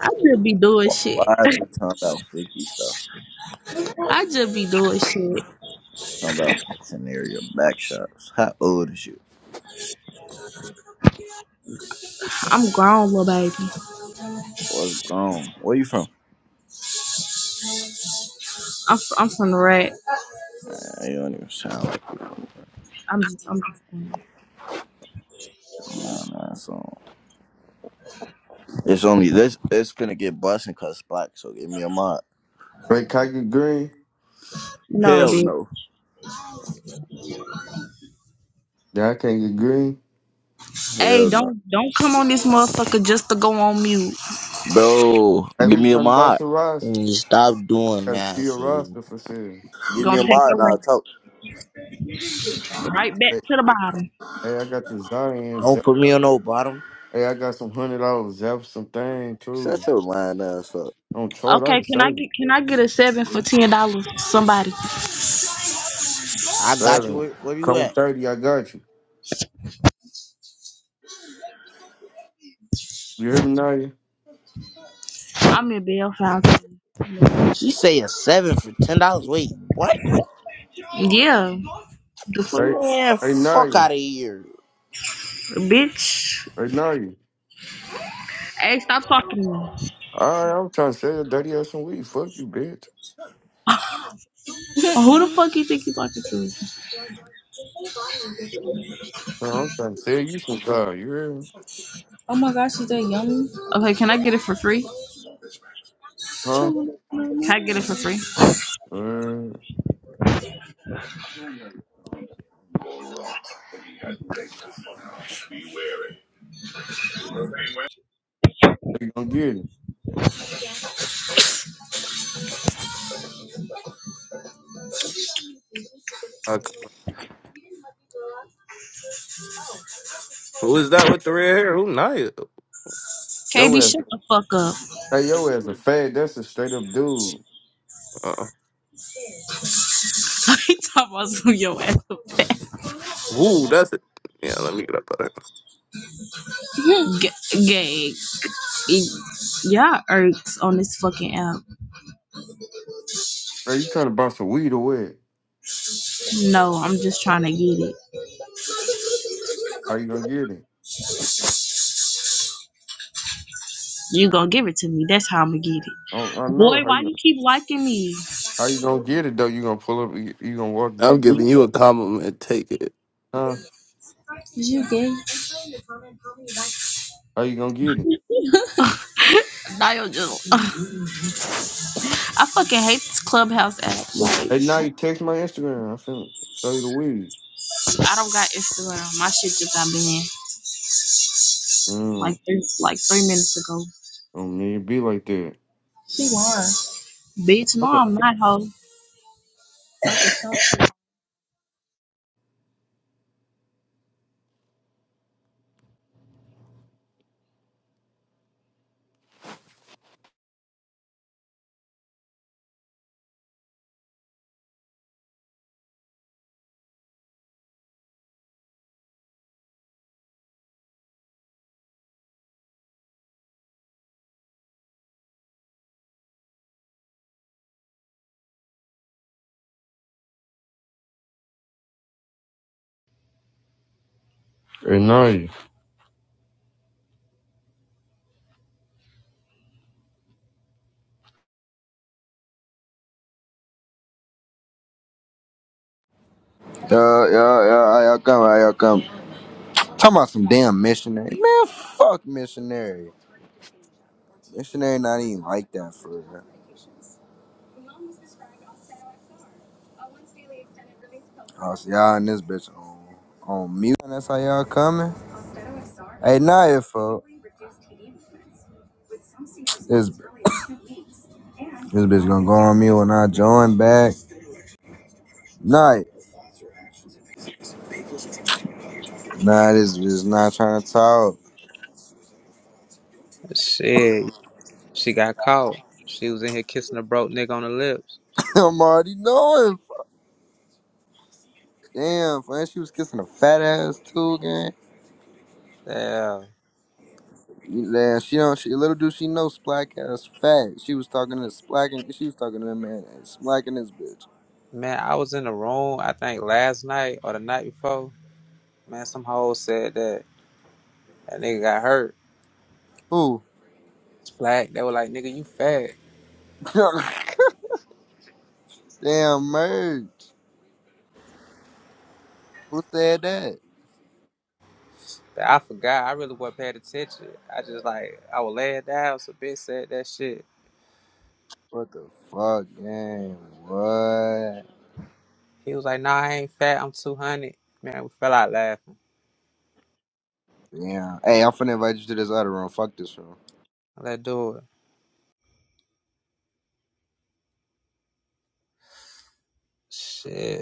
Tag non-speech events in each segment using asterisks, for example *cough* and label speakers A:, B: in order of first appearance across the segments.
A: I just be doing
B: Why
A: shit.
B: are we talking about freaky stuff?
A: I just be doing shit.
B: Talking about scenario back shots. How old is you?
A: I'm grown, little baby.
B: What's grown? Where you from?
A: I'm f- I'm from the rat.
B: Uh, you don't even sound like
A: I'm just I'm just from it.
B: a man, man, so it's only this. It's gonna get busting cause it's black. So give me a mod.
C: Right, can I get green?
A: no,
B: Hell
A: bitch.
B: no.
C: Yeah, I can't get green.
A: Hey,
B: Hell no.
A: don't don't come on this motherfucker just to go on mute.
B: Bro,
C: Hey,
B: give
C: who
B: me a
C: trying to buy
B: mod.
C: some
D: And
C: roster?
D: you Stop doing
C: got a
D: that.
C: pure
D: so
C: roster for sale.
B: Give me
A: Gonna
B: a
A: take
B: mod and
A: your ass
B: I'll talk.
A: right back
C: Hey,
A: to the bottom.
C: hey, I got the Zion.
D: Don't
C: Zap-
D: put me on no bottom.
C: Hey, I got some hundred dollars. Zap some thing too.
B: Shut your lying ass up.
C: On chart, I
A: Okay,
C: can
A: can
C: sell
A: I
C: you.
A: get can I get a seven for ten dollars? Somebody,
D: I got you.
C: Seven.
D: Where, where you
C: Come
D: at?
C: with thirty, I got you. You hear me, Nadia?
A: I'm in Belfast.
D: She say a seven for ten dollars. Wait, what?
A: Yeah, the fuck,
C: Hey,
D: Man,
C: hey,
D: fuck
C: Nadia.
D: out of here,
A: bitch.
C: Hey, Nadia.
A: Hey, stop talking to me.
C: All right, I'm trying to sell your dirty ass some weed. Fuck you, bitch.
A: *laughs* Who the fuck you think you talking to?
C: Huh, I'm trying to sell you some car. You hear me?
A: Oh my gosh, is that yummy? Okay, can I get it for free?
C: Huh?
A: Can I get it for free?
C: Uh, how you gonna get it?
E: Uh, who is that with the red hair? Who Nia?
C: Yo
A: KB,
C: ass.
A: shut the fuck up.
C: Hey, yo ass a fag. That's a straight up dude.
E: Uh,
A: *laughs* He talking about some yo ass fat
E: who? That's it. Yeah, let me get up out of here.
A: G- gay. It- Y'all irks on this fucking app.
C: Are you trying to buy some weed or what?
A: No, I'm just trying to get it.
C: How you gonna get it?
A: You gonna give it to me? That's how I'm gonna get
C: I, don't,
A: it.
C: I know
A: Boy,
C: how
A: why
C: you
A: you keep liking me?
C: how you gonna get it though. You gonna pull up? You, you gonna walk
E: I'm
C: get it?
E: giving you a compliment. Take it.
C: Huh?
A: Is you gay?
C: How you gonna get it?
A: Dial just. *sighs* *laughs* I fucking hate this clubhouse app. Like,
C: Hey, now you text my Instagram. I finna show you the weed.
A: I don't got Instagram. My shit just got banned.
C: Mm.
A: Like, three- like three minutes ago.
C: Oh man, it be like that.
A: She won. Bitch,
C: I
A: no,
C: don't-
A: I'm not hoe.
C: Hey, now
F: Yo, yo, yo, y'all come? y'all come? Talking about some damn missionary. Man, fuck missionary. Missionary not even like that for real. Oh, so y'all and this bitch on, on mute. And that's how y'all coming? Hey, not your fault. This, *coughs* this bitch gonna go on me when I join back. Nah, nah, this bitch is not trying to talk.
G: Shit, she got caught. She was in here kissing a broke nigga on the lips.
F: *laughs* I'm already knowing. Damn, man, she was kissing a fat ass too, gang.
G: Yeah.
F: Yeah, she don't. She, little do she know Splack ass fat. She was talking to Splack and she was talking to that man and Splacking this bitch.
G: Man, I was in the room, I think last night or the night before. Man, some hoes said that that nigga got hurt.
F: Who?
G: It's black. They were like, nigga, you fat.
F: *laughs* Damn merch. Who said that?
G: But I forgot. I really wasn't paying attention. I just like, I was laying down. So bitch said that shit.
F: What the fuck, damn. What?
G: He was like, nah, I ain't fat. I'm 200. Man, we fell out laughing.
F: Damn. Hey, I'm finna invite you to this other room. Fuck this room.
G: Let's do it. Shit.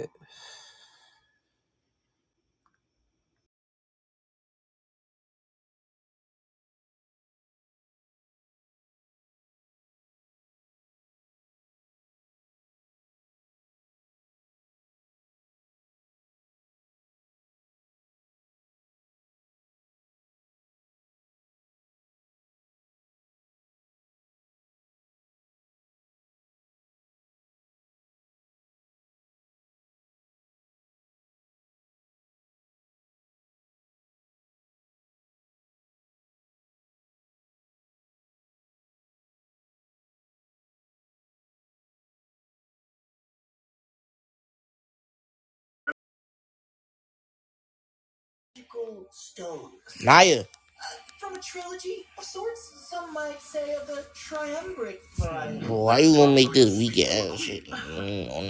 D: Naya. From a trilogy of of sorts, some might say of the triumvirate. variety. Boy, why you gonna make this weak ass shit mm, on that?